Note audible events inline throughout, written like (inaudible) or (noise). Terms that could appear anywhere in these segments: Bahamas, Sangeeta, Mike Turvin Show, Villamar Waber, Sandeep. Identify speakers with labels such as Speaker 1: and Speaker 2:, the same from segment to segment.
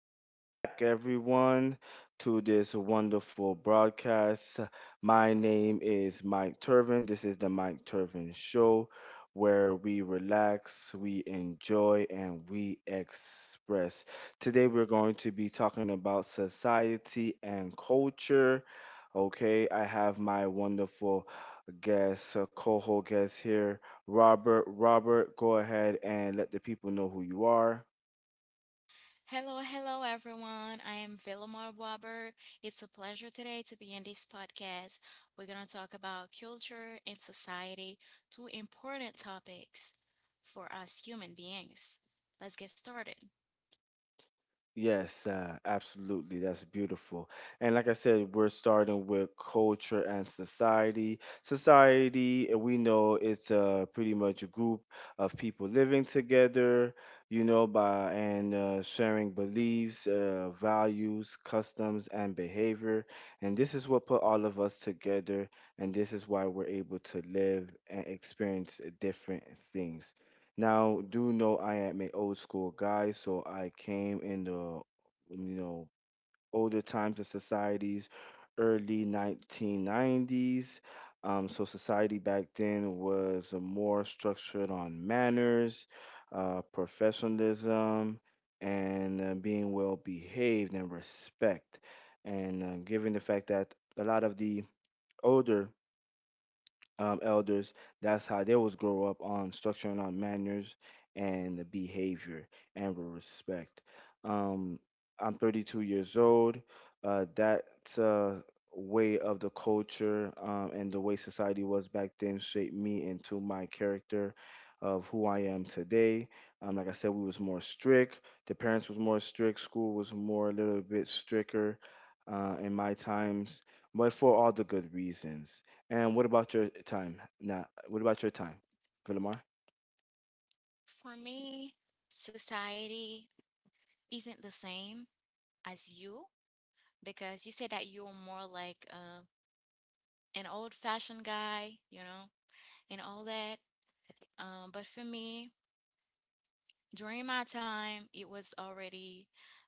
Speaker 1: welcome back, everyone, to this wonderful broadcast. My name is Mike Turvin. This is the Mike Turvin Show, where we relax, we enjoy, and we express. Today, we're going to be talking about society and culture. Okay, I have my wonderful guest, co-host guest here, Robert. Robert, go ahead and let the people know who you are.
Speaker 2: Hello, hello, everyone. I am Villamar Waber. It's a pleasure today to be in this podcast. We're going to talk about culture and society, two important topics for us human beings. Let's get started.
Speaker 1: Yes, absolutely. That's beautiful. And like I said, we're starting with culture and society. Society, we know it's pretty much a group of people living together, you know, by and sharing beliefs, values, customs, and behavior. And this is what put all of us together. And this is why we're able to live and experience different things. Now, do know I am an old school guy, so I came in the you know, older times of societies, early 1990s. So society back then was more structured on manners, professionalism, and being well behaved and respect. And given the fact that a lot of the older elders. That's how they was grow up on structuring our manners and the behavior and with respect. Um, I'm 32 years old. That's a way of the culture and the way society was back then shaped me into my character of who I am today. Like I said, we was more strict. The parents was more strict. School was more a little bit stricter in my times, but for all the good reasons. And what about your time? Now, what about your time, Villamar?
Speaker 2: For me, society isn't the same as you because you said that you're more like an old fashioned guy, you know, and all that. But for me, during my time, it was already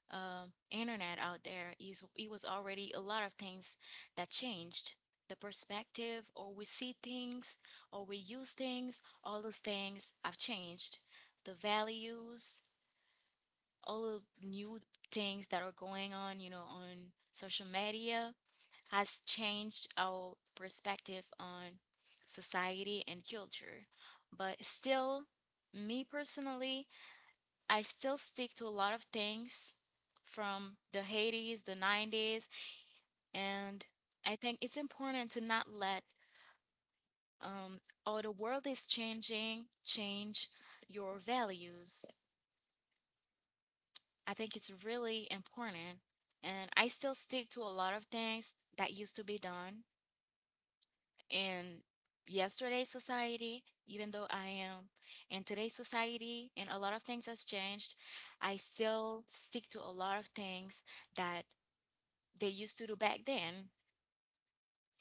Speaker 2: internet out there. Is it was already a lot of things that changed the perspective, or we see things, or we use things. All those things have changed. The values, all of new things that are going on, you know, on social media has changed our perspective on society and culture. But still, me personally, I still stick to a lot of things from the 80s, the 90s, and I think it's important to not let um oh, the world is changing change your values. I think it's really important, and I still stick to a lot of things that used to be done in yesterday's society, even though I am in today's society and a lot of things has changed. I still stick to a lot of things that they used to do back then,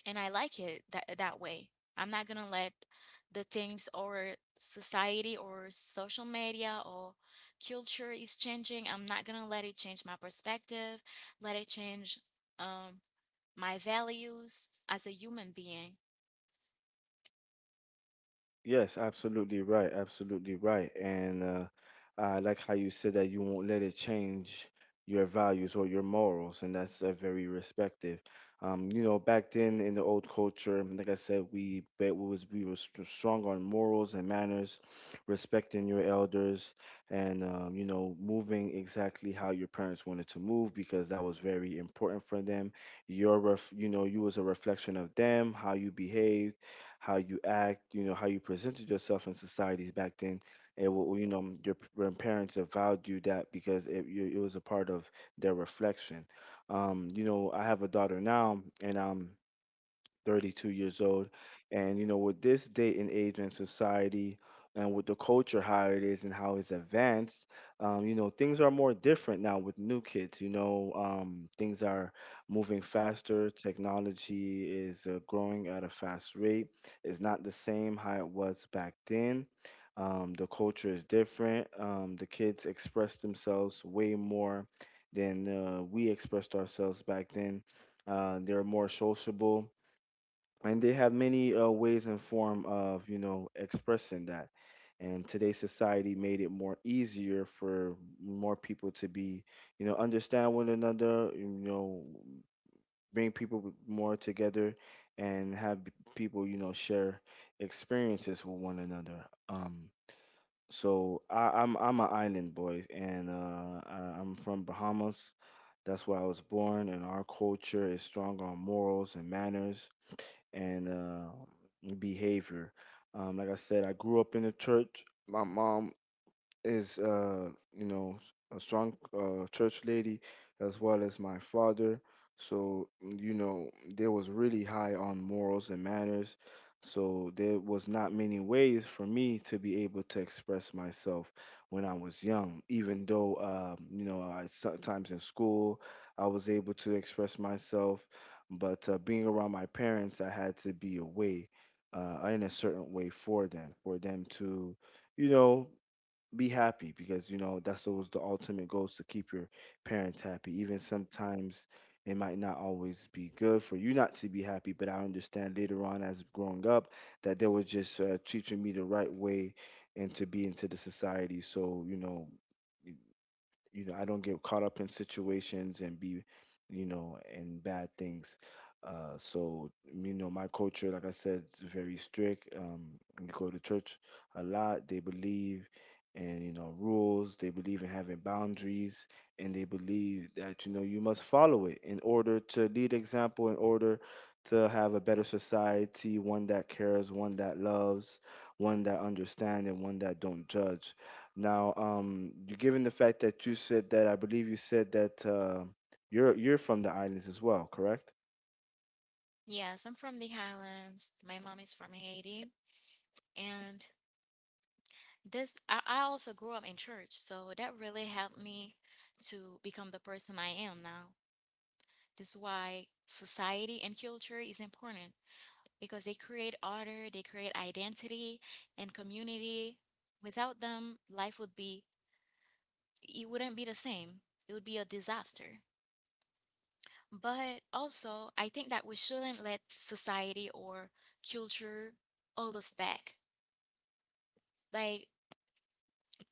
Speaker 2: and I like it that way. I'm not gonna let the things or society or social media or culture is changing. I'm not gonna let it change my perspective, let it change um my values as a human being.
Speaker 1: Yes, absolutely right. Absolutely right. And I like how you said that you won't let it change your values or your morals, and that's very respective. You know, back then in the old culture, like I said, we bet we was we were st- strong on morals and manners, respecting your elders, and you know, moving exactly how your parents wanted to move because that was very important for them. You know, you was a reflection of them, how you behaved, how you act, you know, how you presented yourself in societies back then. It will, you know, your parents have valued you that because it was a part of their reflection. You know, I have a daughter now, and 32 years old. And, you know, with this day and age in society and with the culture, how it is and how it's advanced, you know, things are more different now with new kids. You know, things are moving faster. Technology is growing at a fast rate. It's not the same how it was back then. The culture is different. The kids express themselves way more than we expressed ourselves back then. They're more sociable and they have many ways and form of, you know, expressing that, and today's society made it more easier for more people to be, you know, understand one another, you know, bring people more together and have people, you know, share experiences with one another. So I'm an island boy, and I'm from Bahamas. That's where I was born, and our culture is strong on morals and manners and behavior. Like I said, I grew up in the church. My mom is, uh, you know, a strong church lady, as well as my father, so mm, you know, they was really high on morals and manners, so there was not many ways for me to be able to express myself when I was young, even though you know, I sometimes in school I was able to express myself. But being around my parents, I had to be away in a certain way for them to, you know, be happy, because you know that's always the ultimate goal, is to keep your parents happy. Even sometimes it might not always be good for you not to be happy, but I understand later on, as growing up, that they were just teaching me the right way and to be into the society, so you know, you know, I don't get caught up in situations and be, you know, in bad things. So you know, my culture, like I said, is very strict. We go to church a lot. They believe in, you know, rules. They believe in having boundaries, and they believe that, you know, you must follow it in order to lead example, in order to have a better society, one that cares, one that loves, one that understands, and one that don't judge. Now, you given the fact that you said that, I believe you said that you're from the islands as well, correct?
Speaker 2: Yes, I'm from the Highlands. My mom is from Haiti, and this I also grew up in church, so that really helped me to become the person I am now. This is why society and culture is important, because they create order, they create identity and community. Without them, life would be, it wouldn't be the same. It would be a disaster. But also, I think that we shouldn't let society or culture hold us back. Like,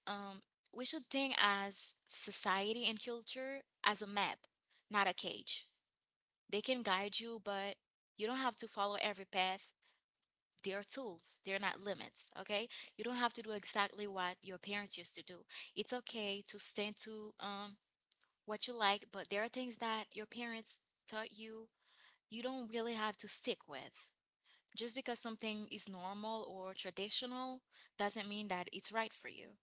Speaker 2: um, we should think as society and culture as a map, not a cage. They can guide you, but you don't have to follow every path. They're tools, they're not limits, okay? You don't have to do exactly what your parents used to do. It's okay to stand to what you like, but there are things that your parents taught you, you don't really have to stick with. Just because something is normal or traditional doesn't mean that it's right for you.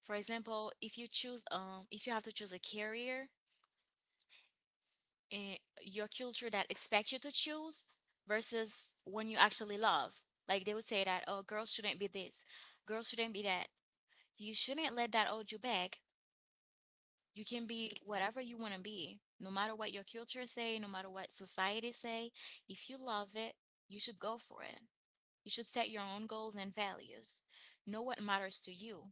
Speaker 2: For example, if you choose, if you have to choose a career, and your culture that expects you to choose versus when you actually love. Like they would say that, oh, girls shouldn't be this, girls shouldn't be that. You shouldn't let that hold you back. You can be whatever you want to be, no matter what your culture say, no matter what society say. If you love it, you should go for it. You should set your own goals and values. Know what matters to you.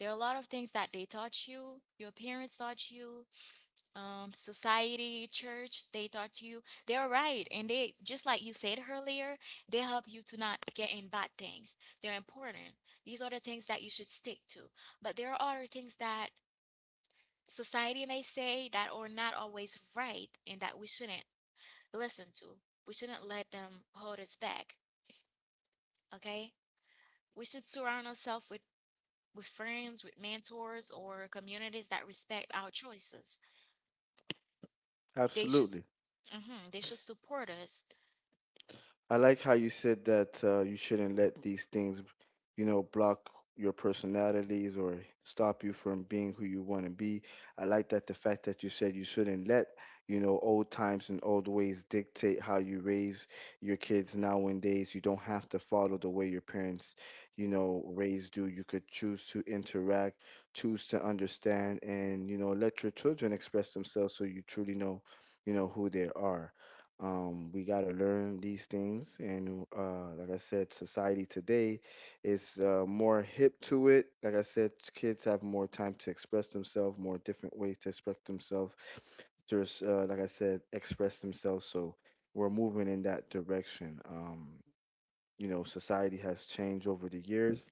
Speaker 2: There are a lot of things that they taught you, your parents taught you, society, church, they taught you they're right. And they, just like you said earlier, they help you to not get in bad things. They're important. These are the things that you should stick to. But there are other things that society may say that are not always right and that we shouldn't listen to. We shouldn't let them hold us back. Okay? We should surround ourselves with friends, with mentors, or communities that respect our choices. They should,
Speaker 1: Absolutely.
Speaker 2: they should support us.
Speaker 1: I like how you said that you shouldn't let these things, you know, block your personalities or stop you from being who you want to be. I like that the fact that you said you shouldn't let, you know, old times and old ways dictate how you raise your kids nowadays. You don't have to follow the way your parents, you know, raised you. You could choose to interact, choose to understand, and, you know, let your children express themselves so you truly know, you know, who they are. We got to learn these things. And like I said, society today is more hip to it. Like I said, kids have more time to express themselves, more different ways to express themselves. There's, like I said, express themselves. So we're moving in that direction. You know, society has changed over the years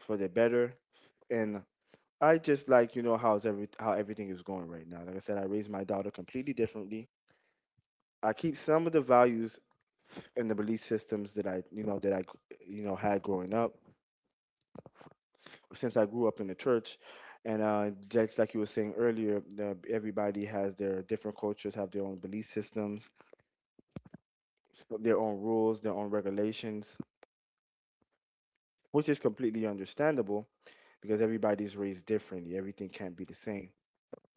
Speaker 1: for the better. And I just like, you know, how everything is going right now. Like I said, I raised my daughter completely differently. I keep some of the values and the belief systems that I, you know, had growing up. Since I grew up in the church, and just like you were saying earlier, everybody has their different cultures, have their own belief systems, their own rules, their own regulations, which is completely understandable because everybody's raised differently. Everything can't be the same,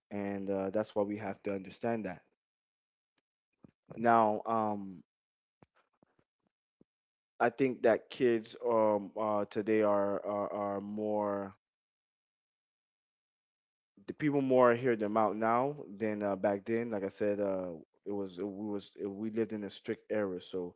Speaker 1: and that's why we have to understand that. Now, I think that kids today are more, the people more hear them out now than back then. Like I said, it was it, we lived in a strict era, so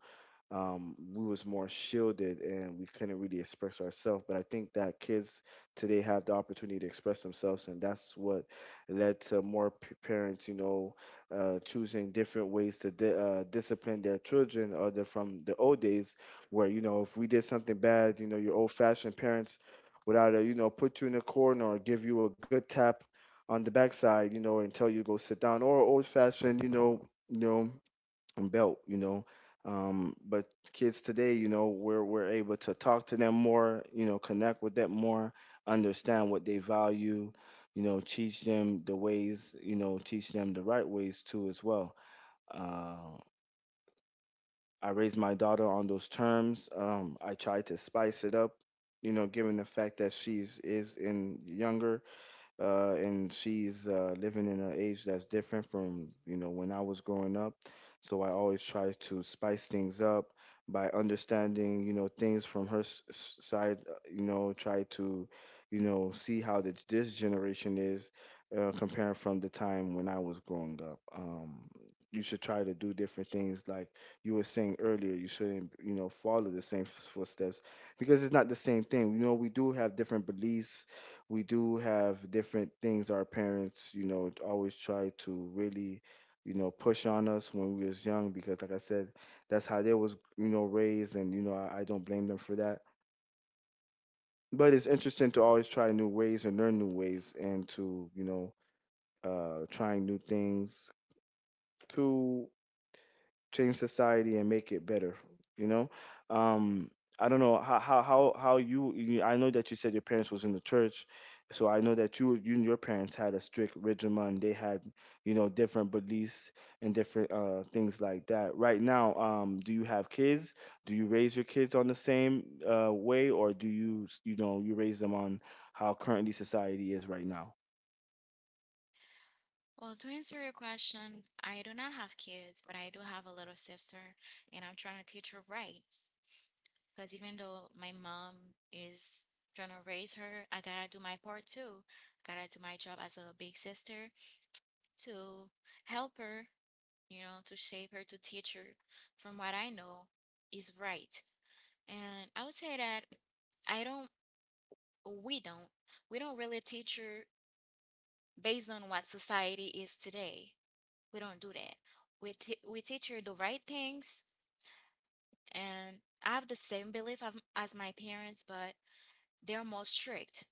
Speaker 1: we was more shielded and we couldn't really express ourselves. But I think that kids today have the opportunity to express themselves, and that's what led to more parents, you know, choosing different ways to di- discipline their children, other from the old days, where you know if we did something bad, you know, your old-fashioned parents. Without a, you know, put you in a corner or give you a good tap on the backside, you know, and tell you go sit down. Or old fashioned, you know, and belt, you know. But kids today, you know, we're able to talk to them more, you know, connect with them more, understand what they value, you know, teach them the ways, you know, teach them the right ways too as well. Uh, I raised my daughter on those terms. I tried to spice it up, you know, given the fact that she is in younger and she's living in an age that's different from, you know, when I was growing up. So I always try to spice things up by understanding, you know, things from her side. You know, try to, you know, see how this generation is comparing from the time when I was growing up. You should try to do different things like you were saying earlier. You shouldn't, you know, follow the same footsteps because it's not the same thing. You know, we do have different beliefs, we do have different things our parents, you know, always try to really, you know, push on us when we was young because like I said, that's how they was, you know, raised. And you know, I don't blame them for that. But it's interesting to always try new ways and learn new ways and to trying new things to change society and make it better. you know um I don't know how you, you I know that you said your parents was in the church, so I know that you and your parents had a strict regimen, and they had, you know, different beliefs and different things like that. Right now, do you have kids? Do you raise your kids on the same way, or do you you know, you raise them on how currently society is right now?
Speaker 2: Well, to answer your question, I do not have kids, but I do have a little sister, and I'm trying to teach her right. Because even though my mom is trying to raise her, I gotta do my part too. I gotta do my job as a big sister to help her, you know, to shape her, to teach her from what I know is right. And I would say that I don't, we don't, we don't really teach her based on what society is today. We don't do that. We teach her the right things, and I have the same belief of, as my parents, but they're more strict.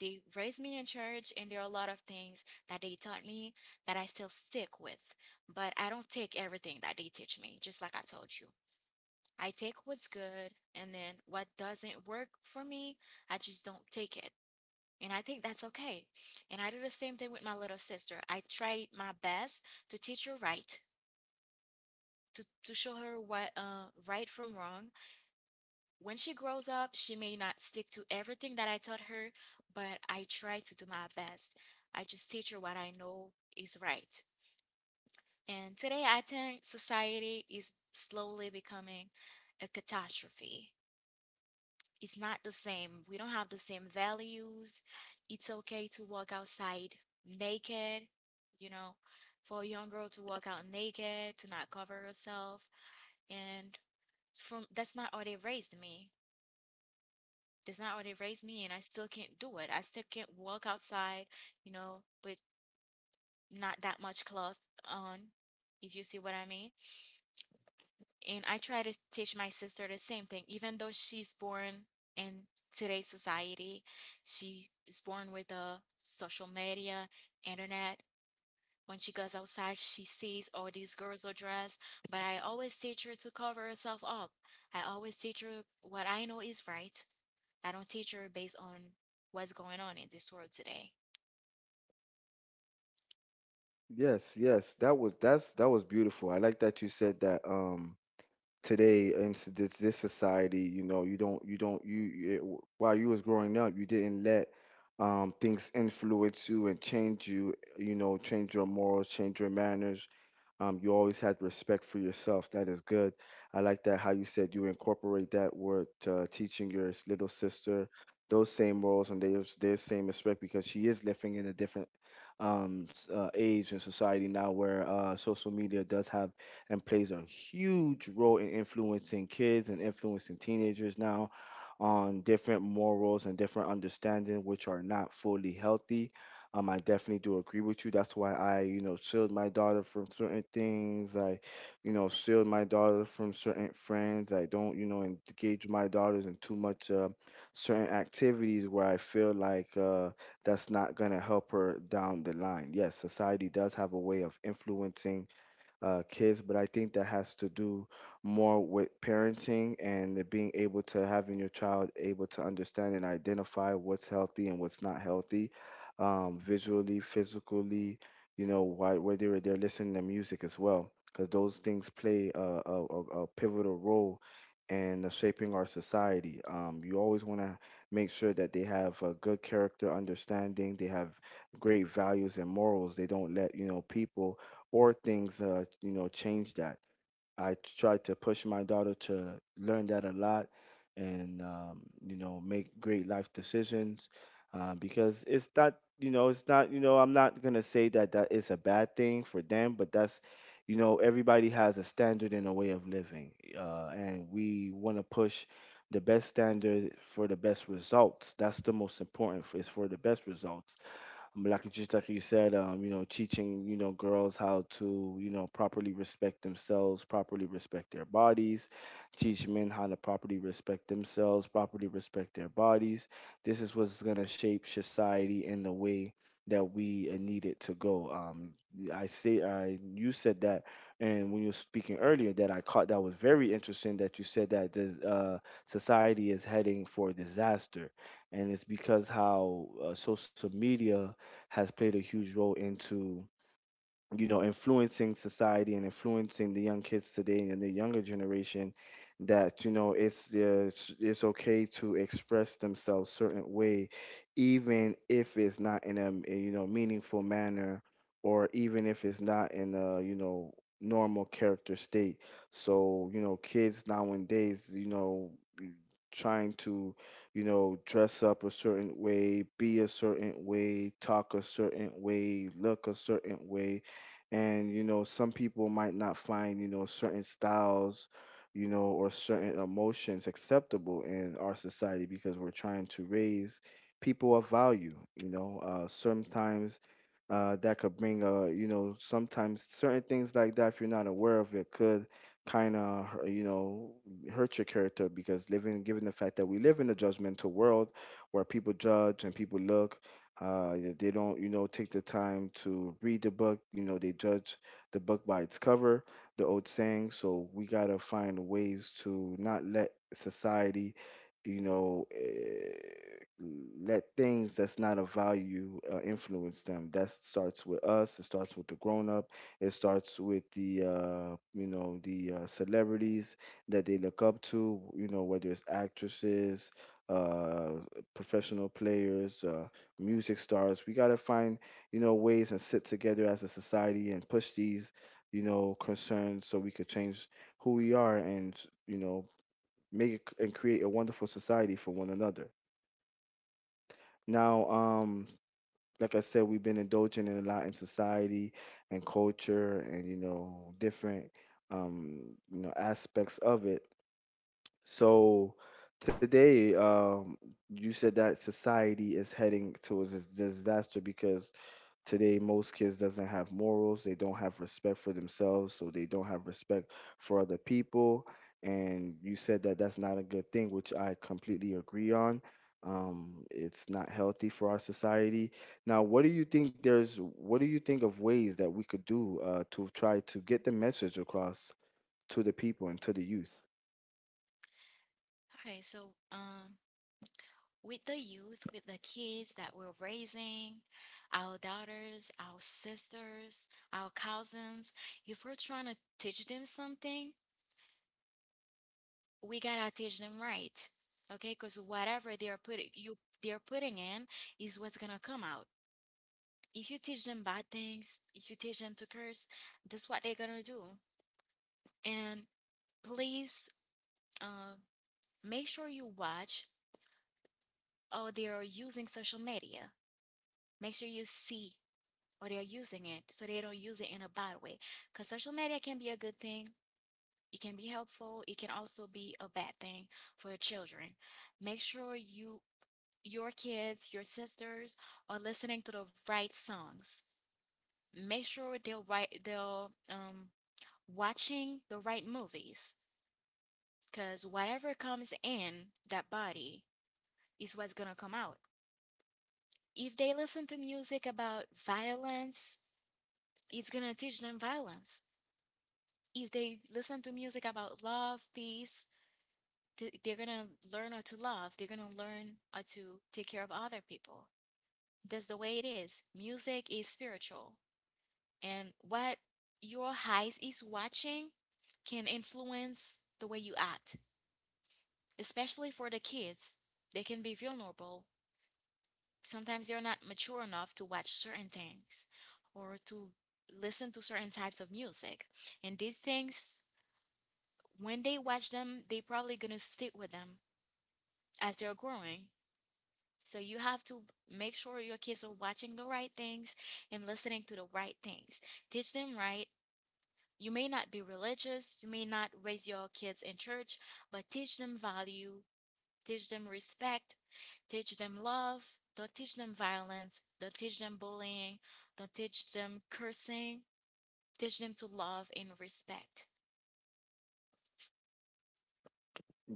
Speaker 2: They raised me in church, and there are a lot of things that they taught me that I still stick with. But I don't take everything that they teach me, just like I told you. I take what's good, and then what doesn't work for me, I just don't take it. And I think that's okay. And I do the same thing with my little sister. I try my best to teach her right, to show her what right from wrong. When she grows up, she may not stick to everything that I taught her, but I try to do my best. I just teach her what I know is right. And today, I think society is slowly becoming a catastrophe. It's not the same. We don't have the same values. It's okay to walk outside naked, you know, for a young girl to walk out naked, to not cover herself. And from that's not how they raised me. That's not how they raised me, and I still can't do it. I still can't walk outside, you know, with not that much cloth on, if you see what I mean. And I try to teach my sister the same thing, even though she's born in today's society, she is born with a social media, internet. When she goes outside, she sees all these girls are dressed, but I always teach her to cover herself up. I always teach her what I know is right. I don't teach her based on what's going on in this world today.
Speaker 1: Yes, yes, that was that's that was beautiful. I like that you said that. Today in this this society, you know, you don't you don't you you- it, w- while you was growing up, you didn't let things influence you and change you, you know, change your morals, change your manners. You always had respect for yourself. That is good. I like that how you said you incorporate that word, teaching your little sister those same morals and their same respect, because she is living in a different age and society now, where social media does have and plays a huge role in influencing kids and influencing teenagers now on different morals and different understanding, which are not fully healthy. I definitely do agree with you. That's why I, you know, shield my daughter from certain things. I, you know, shield my daughter from certain friends. I don't, you know, engage my daughters in too much certain activities where I feel like that's not gonna help her down the line. Yes, society does have a way of influencing kids, but I think that has to do more with parenting and the being able to having your child able to understand and identify what's healthy and what's not healthy, visually, physically, you know, why, whether they're listening to music as well, because those things play a pivotal role in shaping our society. You always want to make sure that they have a good character understanding, they have great values and morals. They don't let, you know, people or things, you know, change that. I try to push my daughter to learn that a lot and, you know, make great life decisions, because it's not you know it's not you know I'm not gonna say that that is a bad thing for them, but that's, you know, everybody has a standard and a way of living, and we want to push the best standard for the best results. That's the most important, is for the best results. Just like you said, you know, teaching, you know, girls how to, you know, properly respect themselves, properly respect their bodies, teach men how to properly respect themselves, properly respect their bodies. This is what's gonna shape society in the way that we, need it to go. I say, I you said that, and when you were speaking earlier, that I caught, that was very interesting. That you said that the, society is heading for disaster, and it's because how, social media has played a huge role into, you know, influencing society and influencing the young kids today and the younger generation. That, you know, it's okay to express themselves certain way, even if it's not in a you know, meaningful manner, or even if it's not in a, you know, normal character state. So, you know, kids nowadays, you know, trying to, you know, dress up a certain way, be a certain way, talk a certain way, look a certain way. And, you know, some people might not find, you know, certain styles, you know, or certain emotions acceptable in our society, because we're trying to raise people of value, you know. Sometimes that could bring a, you know, sometimes certain things like that, if you're not aware of it, could kind of, you know, hurt your character, because living, given the fact that we live in a judgmental world where people judge and people look, they don't, you know, take the time to read the book. You know, they judge the book by its cover, the old saying. So we gotta find ways to not let society, you know, let things that's not of value, influence them. That starts with us. It starts with the grown up. It starts with the, celebrities that they look up to, you know, whether it's actresses, uh, professional players, music stars. We got to find, you know, ways and sit together as a society and push these, you know, concerns, so we could change who we are and, you know, make it and create a wonderful society for one another. Now, like I said, we've been indulging in a lot in society and culture and, you know, different, um, you know, aspects of it. So today, you said that society is heading towards this disaster because today most kids doesn't have morals, they don't have respect for themselves, so they don't have respect for other people. And you said that that's not a good thing, which I completely agree on. It's not healthy for our society. Now, what do you think of ways that we could do, to try to get the message across to the people and to the youth?
Speaker 2: Okay, so with the youth, with the kids that we're raising, our daughters, our sisters, our cousins, if we're trying to teach them something, we gotta teach them right. Okay, because whatever they are putting you they're putting in is what's gonna come out. If you teach them bad things, if you teach them to curse, that's what they're gonna do. And please uh, make sure you watch oh, they are using social media. Make sure you see or they are using it so they don't use it in a bad way. Because social media can be a good thing, it can be helpful, it can also be a bad thing for your children. Make sure your kids, your sisters are listening to the right songs. Make sure they will watching the right movies. Cause whatever comes in that body is what's gonna come out. If they listen to music about violence, it's gonna teach them violence. If they listen to music about love, peace, they're gonna learn how to love. They're gonna learn how to take care of other people. That's the way it is. Music is spiritual, and what your eyes is watching can influence the way you act, especially for the kids. They can be vulnerable, sometimes they're not mature enough to watch certain things or to listen to certain types of music, and these things, when they watch them, they probably gonna stick with them as they're growing. So you have to make sure your kids are watching the right things and listening to the right things. Teach them right. You may not be religious, you may not raise your kids in church, but teach them value, teach them respect, teach them love, don't teach them violence, don't teach them bullying, don't teach them cursing, teach them to love and respect.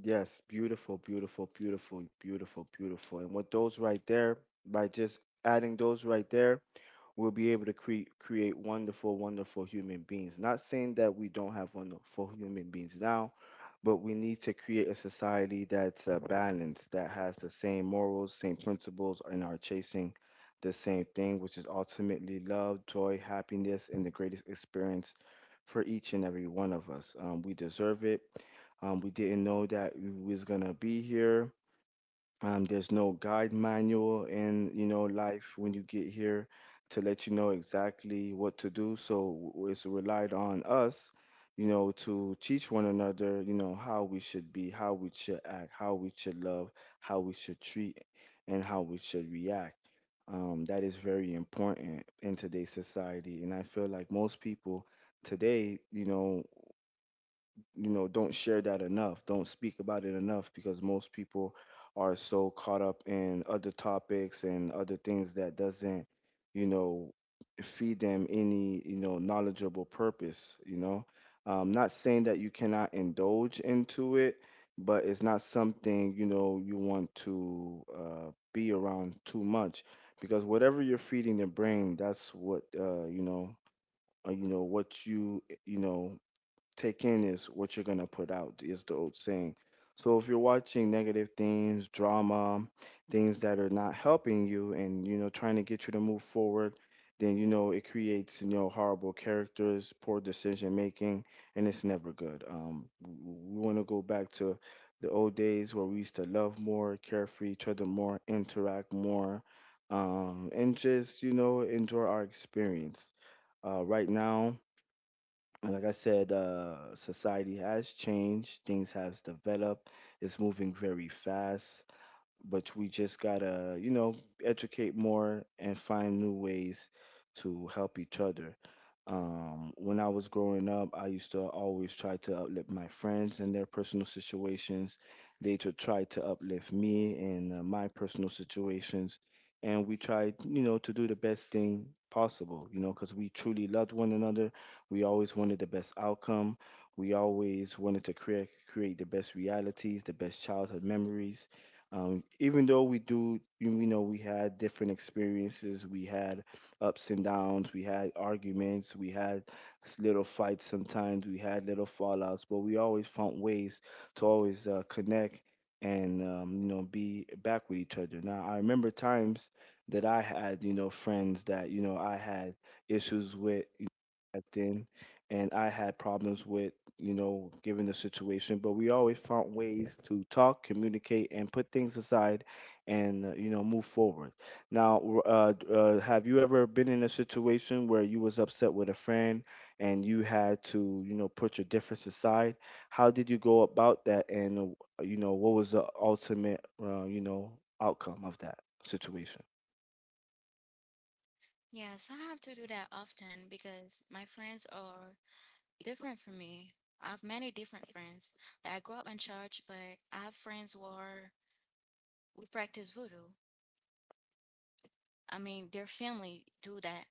Speaker 1: Yes, beautiful, beautiful, beautiful, beautiful, beautiful. And with those right there, by just adding those right there, we'll be able to create wonderful, wonderful human beings. Not saying that we don't have wonderful human beings now, but we need to create a society that's, balanced, that has the same morals, same principles, and are chasing the same thing, which is ultimately love, joy, happiness, and the greatest experience for each and every one of us. We deserve it. We didn't know that we was gonna be here. There's no guide manual in, you know, life when you get here to let you know exactly what to do. So it's relied on us, you know, to teach one another, you know, how we should be, how we should act, how we should love, how we should treat, and how we should react. That is very important in today's society. And I feel like most people today, you know, don't share that enough, don't speak about it enough, because most people are so caught up in other topics and other things that doesn't, you know, feed them any, you know, knowledgeable purpose, you know. Not saying that you cannot indulge into it, but it's not something, you know, you want to, be around too much, because whatever you're feeding the brain, that's what, what you know, take in is what you're gonna put out, is the old saying. So if you're watching negative things, drama, things that are not helping you and, you know, trying to get you to move forward, then, you know, it creates, you know, horrible characters, poor decision making, and it's never good. We want to go back to the old days where we used to love more, care for each other more, interact more, and just, you know, enjoy our experience, right now. And like I said, society has changed, things has developed, it's moving very fast, but we just gotta, you know, educate more and find new ways to help each other. When I was growing up, I used to always try to uplift my friends in their personal situations. They to try to uplift me in, my personal situations, and we tried, you know, to do the best thing possible. You know, because we truly loved one another. We always wanted the best outcome. We always wanted to create the best realities, the best childhood memories, even though we do, you know, we had different experiences, we had ups and downs, we had arguments, we had little fights sometimes, we had little fallouts, but we always found ways to always, connect and, you know, be back with each other. Now, I remember times that I had, you know, friends that, you know, I had issues with back then, and I had problems with, you know, given the situation. But we always found ways to talk, communicate, and put things aside, and, you know, move forward. Now, have you ever been in a situation where you was upset with a friend and you had to, you know, put your difference aside? How did you go about that, and, you know, what was the ultimate, you know, outcome of that situation?
Speaker 2: Yes, I have to do that often because my friends are different from me. I have many different friends. Like, I grew up in church, but I have friends who are who practice voodoo. I mean, their family do that.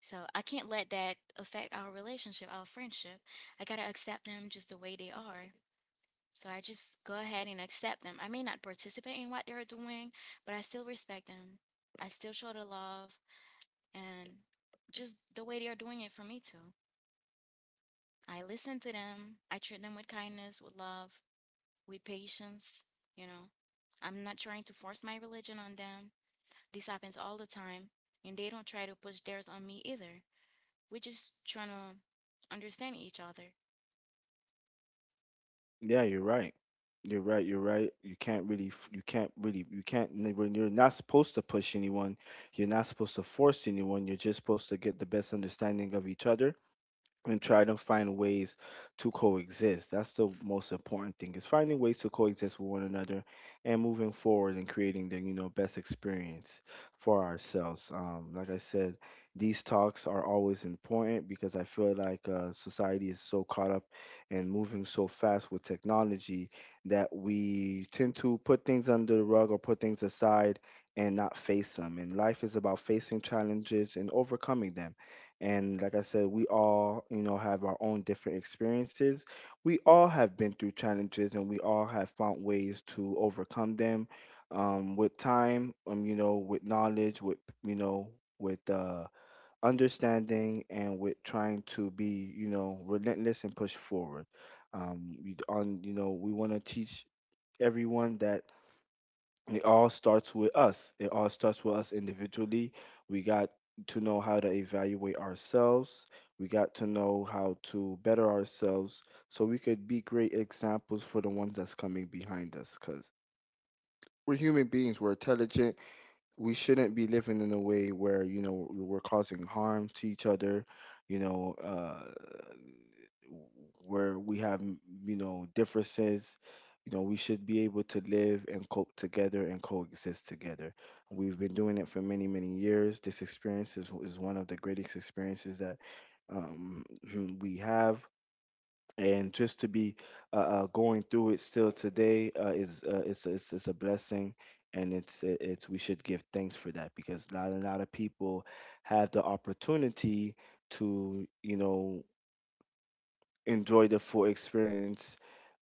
Speaker 2: So I can't let that affect our relationship, our friendship. I gotta accept them just the way they are. So I just go ahead and accept them. I may not participate in what they're doing, but I still respect them. I still show the love and just the way they're doing it for me too. I listen to them. I treat them with kindness, with love, with patience, you know. I'm not trying to force my religion on them. This happens all the time, and they don't try to push theirs on me either. We're just trying to understand each other.
Speaker 1: Yeah, you're right. You're right. You're right. You can't really, you can't, n- when you're not supposed to push anyone, you're not supposed to force anyone. You're just supposed to get the best understanding of each other and try to find ways to coexist. That's the most important thing, is finding ways to coexist with one another and moving forward and creating the, you know, best experience for ourselves. Like I said, these talks are always important because I feel like society is so caught up and moving so fast with technology that we tend to put things under the rug or put things aside and not face them. And life is about facing challenges and overcoming them, and like I said, we all, you know, have our own different experiences. We all have been through challenges and we all have found ways to overcome them with time, you know, with knowledge, with, you know, with understanding, and with trying to be, you know, relentless and push forward. We, on, you know, We want to teach everyone that it all starts with us. It all starts with us individually. We got to know how to evaluate ourselves. We got to know how to better ourselves so we could be great examples for the ones that's coming behind us because we're human beings, we're intelligent. We shouldn't be living in a way where, you know, we're causing harm to each other, you know, uh, where we have you know differences, you know we should be able to live and cope together and coexist together. We've been doing it for many many years. This experience is one of the greatest experiences that um, (clears throat) we have, and just to be going through it still today is it's a blessing, and it's we should give thanks for that because not a lot of people have the opportunity to you know enjoy the full experience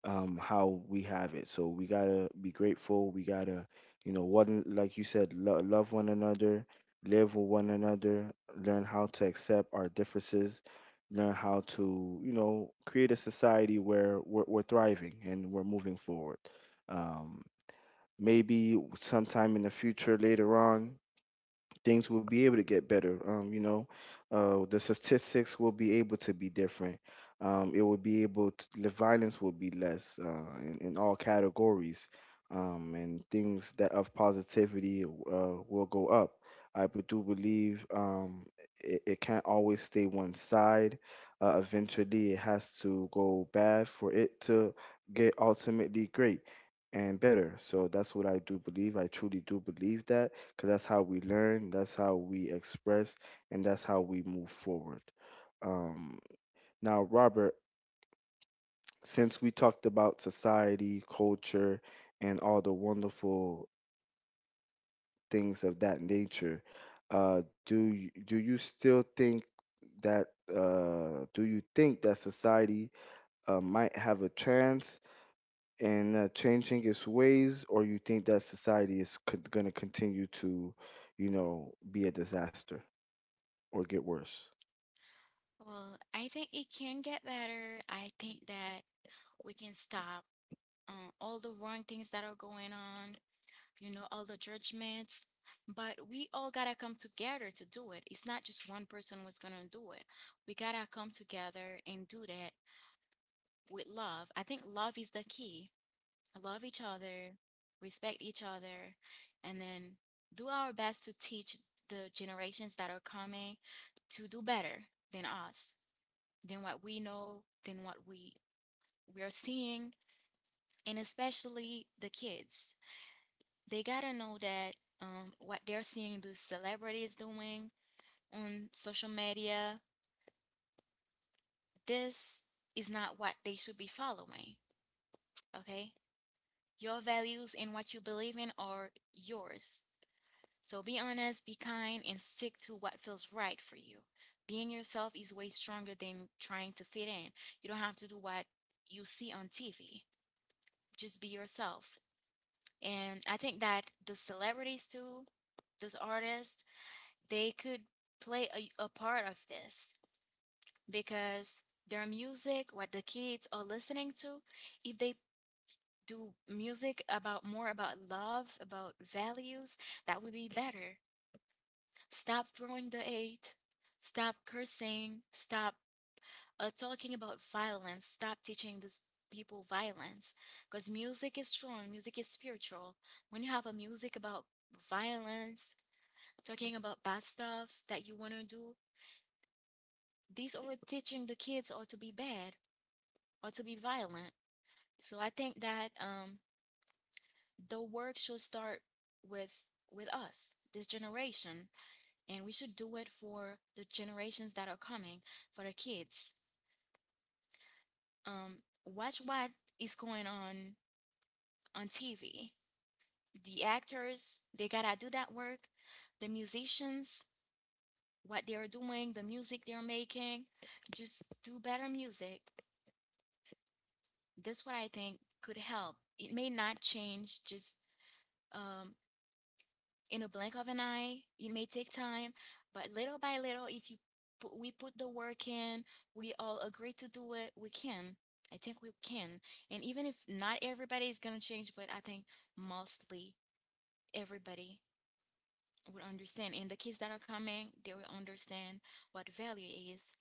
Speaker 1: how we have it. So we gotta be grateful, we gotta you know one like you said love one another, live with one another, learn how to accept our differences, learn how to you know create a society where we're thriving and we're moving forward. um Maybe sometime in the future later on things will be able to get better. The statistics will be able to be different. It will be able to, the violence will be less in all categories. And things that of positivity will go up. Do believe it, it can't always stay one side. Eventually, it has to go bad for it to get ultimately great and better. So that's what I do believe. I truly do believe that because that's how we learn, that's how we express, and that's how we move forward. Um, Now, Robert, since we talked about society, culture, and all the wonderful things of that nature, do you still think that do you think that society might have a chance in changing its ways, or you think that society is going to continue to, you know, be a disaster or get worse?
Speaker 2: Well, I think it can get better. I think that we can stop all the wrong things that are going on, you know, all the judgments. But we all gotta come together to do it. It's not just one person who's gonna do it. We gotta come together and do that with love. I think love is the key. Love each other, respect each other, and then do our best to teach the generations that are coming to do better than us, than what we know, than what we are seeing, and especially the kids they gotta know that what they're seeing the celebrities doing on social media, this is not what they should be following. Okay? Your values and what you believe in are yours. So be honest, be kind, and stick to what feels right for you. Being yourself is way stronger than trying to fit in. You don't have to do what you see on TV. Just be yourself. And I think that those celebrities, too, those artists, they could play a part of this because their music, what the kids are listening to, if they do music about more about love, about values, that would be better. Stop throwing the hate, stop cursing, stop talking about violence, stop teaching these people violence, because music is strong, music is spiritual. When you have a music about violence, talking about bad stuffs that you want to do, these are teaching the kids or to be bad or to be violent. So I think that the work should start with with us, this generation, and we should do it for the generations that are coming, for the kids. Um, Watch what is going on TV. The actors, they gotta do that work. The musicians, what they are doing, the music they are making, just do better music. That's what I think could help. It may not change just um, in a blink of an eye. It may take time, but little by little, if you we put the work in, we all agree to do it, we can. I think we can. And even if not everybody is gonna change, but I think mostly everybody would understand. And the kids that are coming, they will understand what value is.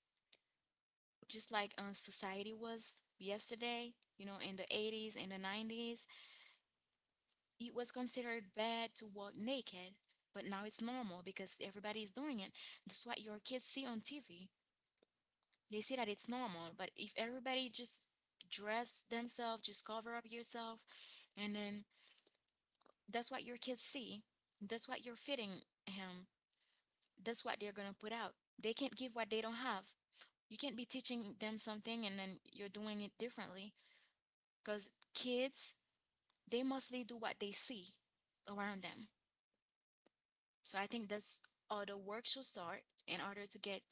Speaker 2: Just like society was yesterday, you know, in the 80s in the 90s, it was considered bad to walk naked, but now it's normal because everybody's doing it. That's what your kids see on TV. They see that it's normal, but if everybody just dress themselves, just cover up yourself, and then that's what your kids see. That's what you're feeding him. That's what they're gonna put out. They can't give what they don't have. You can't be teaching them something and then you're doing it differently. Because kids, they mostly do what they see around them. So I think that's how the work should start in order to get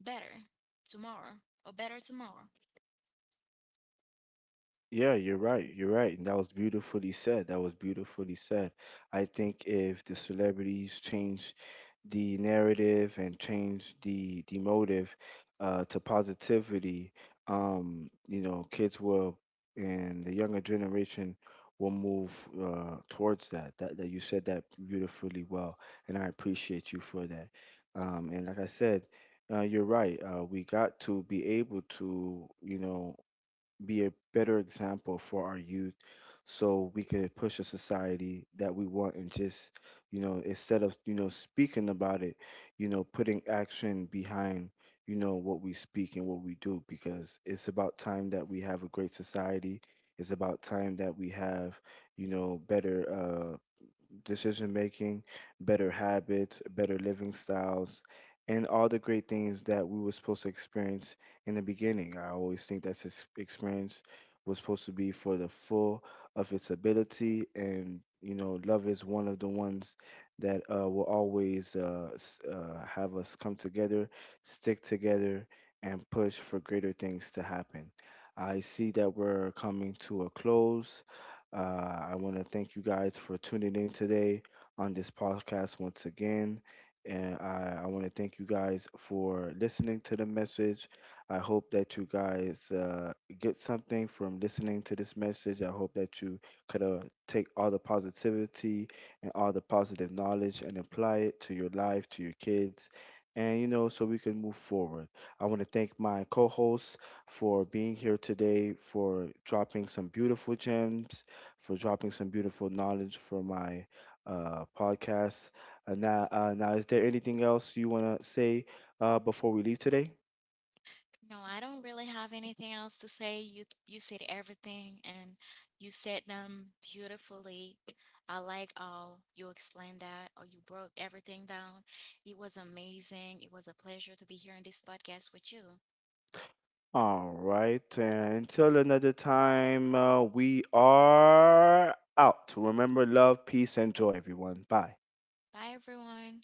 Speaker 2: better tomorrow or better tomorrow.
Speaker 1: Yeah, you're right. You're right. And that was beautifully said. That was beautifully said. I think if the celebrities change the narrative and change the motive to positivity, you know, kids will, and the younger generation will move towards that. That that you said that beautifully well, and I appreciate you for that. And like I said, you're right. We got to be able to, you know, be a better example for our youth so we could push a society that we want and just you know instead of you know speaking about it, you know putting action behind you know what we speak and what we do, because it's about time that we have a great society, it's about time that we have you know better decision making, better habits, better living styles, and all the great things that we were supposed to experience in the beginning. I always think that this experience was supposed to be for the full of its ability, and you know, love is one of the ones that will always have us come together, stick together, and push for greater things to happen. I see that we're coming to a close. I want to thank you guys for tuning in today on this podcast once again. And I want to thank you guys for listening to the message. I hope that you guys get something from listening to this message. I hope that you could take all the positivity and all the positive knowledge and apply it to your life, to your kids, and you know, so we can move forward. I want to thank my co hosts for being here today, for dropping some beautiful gems, for dropping some beautiful knowledge for my podcast. Now, is there anything else you want to say before we leave today?
Speaker 2: No, I don't really have anything else to say. You said everything and you said them beautifully. I like how you explained that or you broke everything down. It was amazing. It was a pleasure to be here in this podcast with you.
Speaker 1: All right. And until another time, we are out. Remember love, peace, and joy, everyone. Bye.
Speaker 2: Bye, everyone.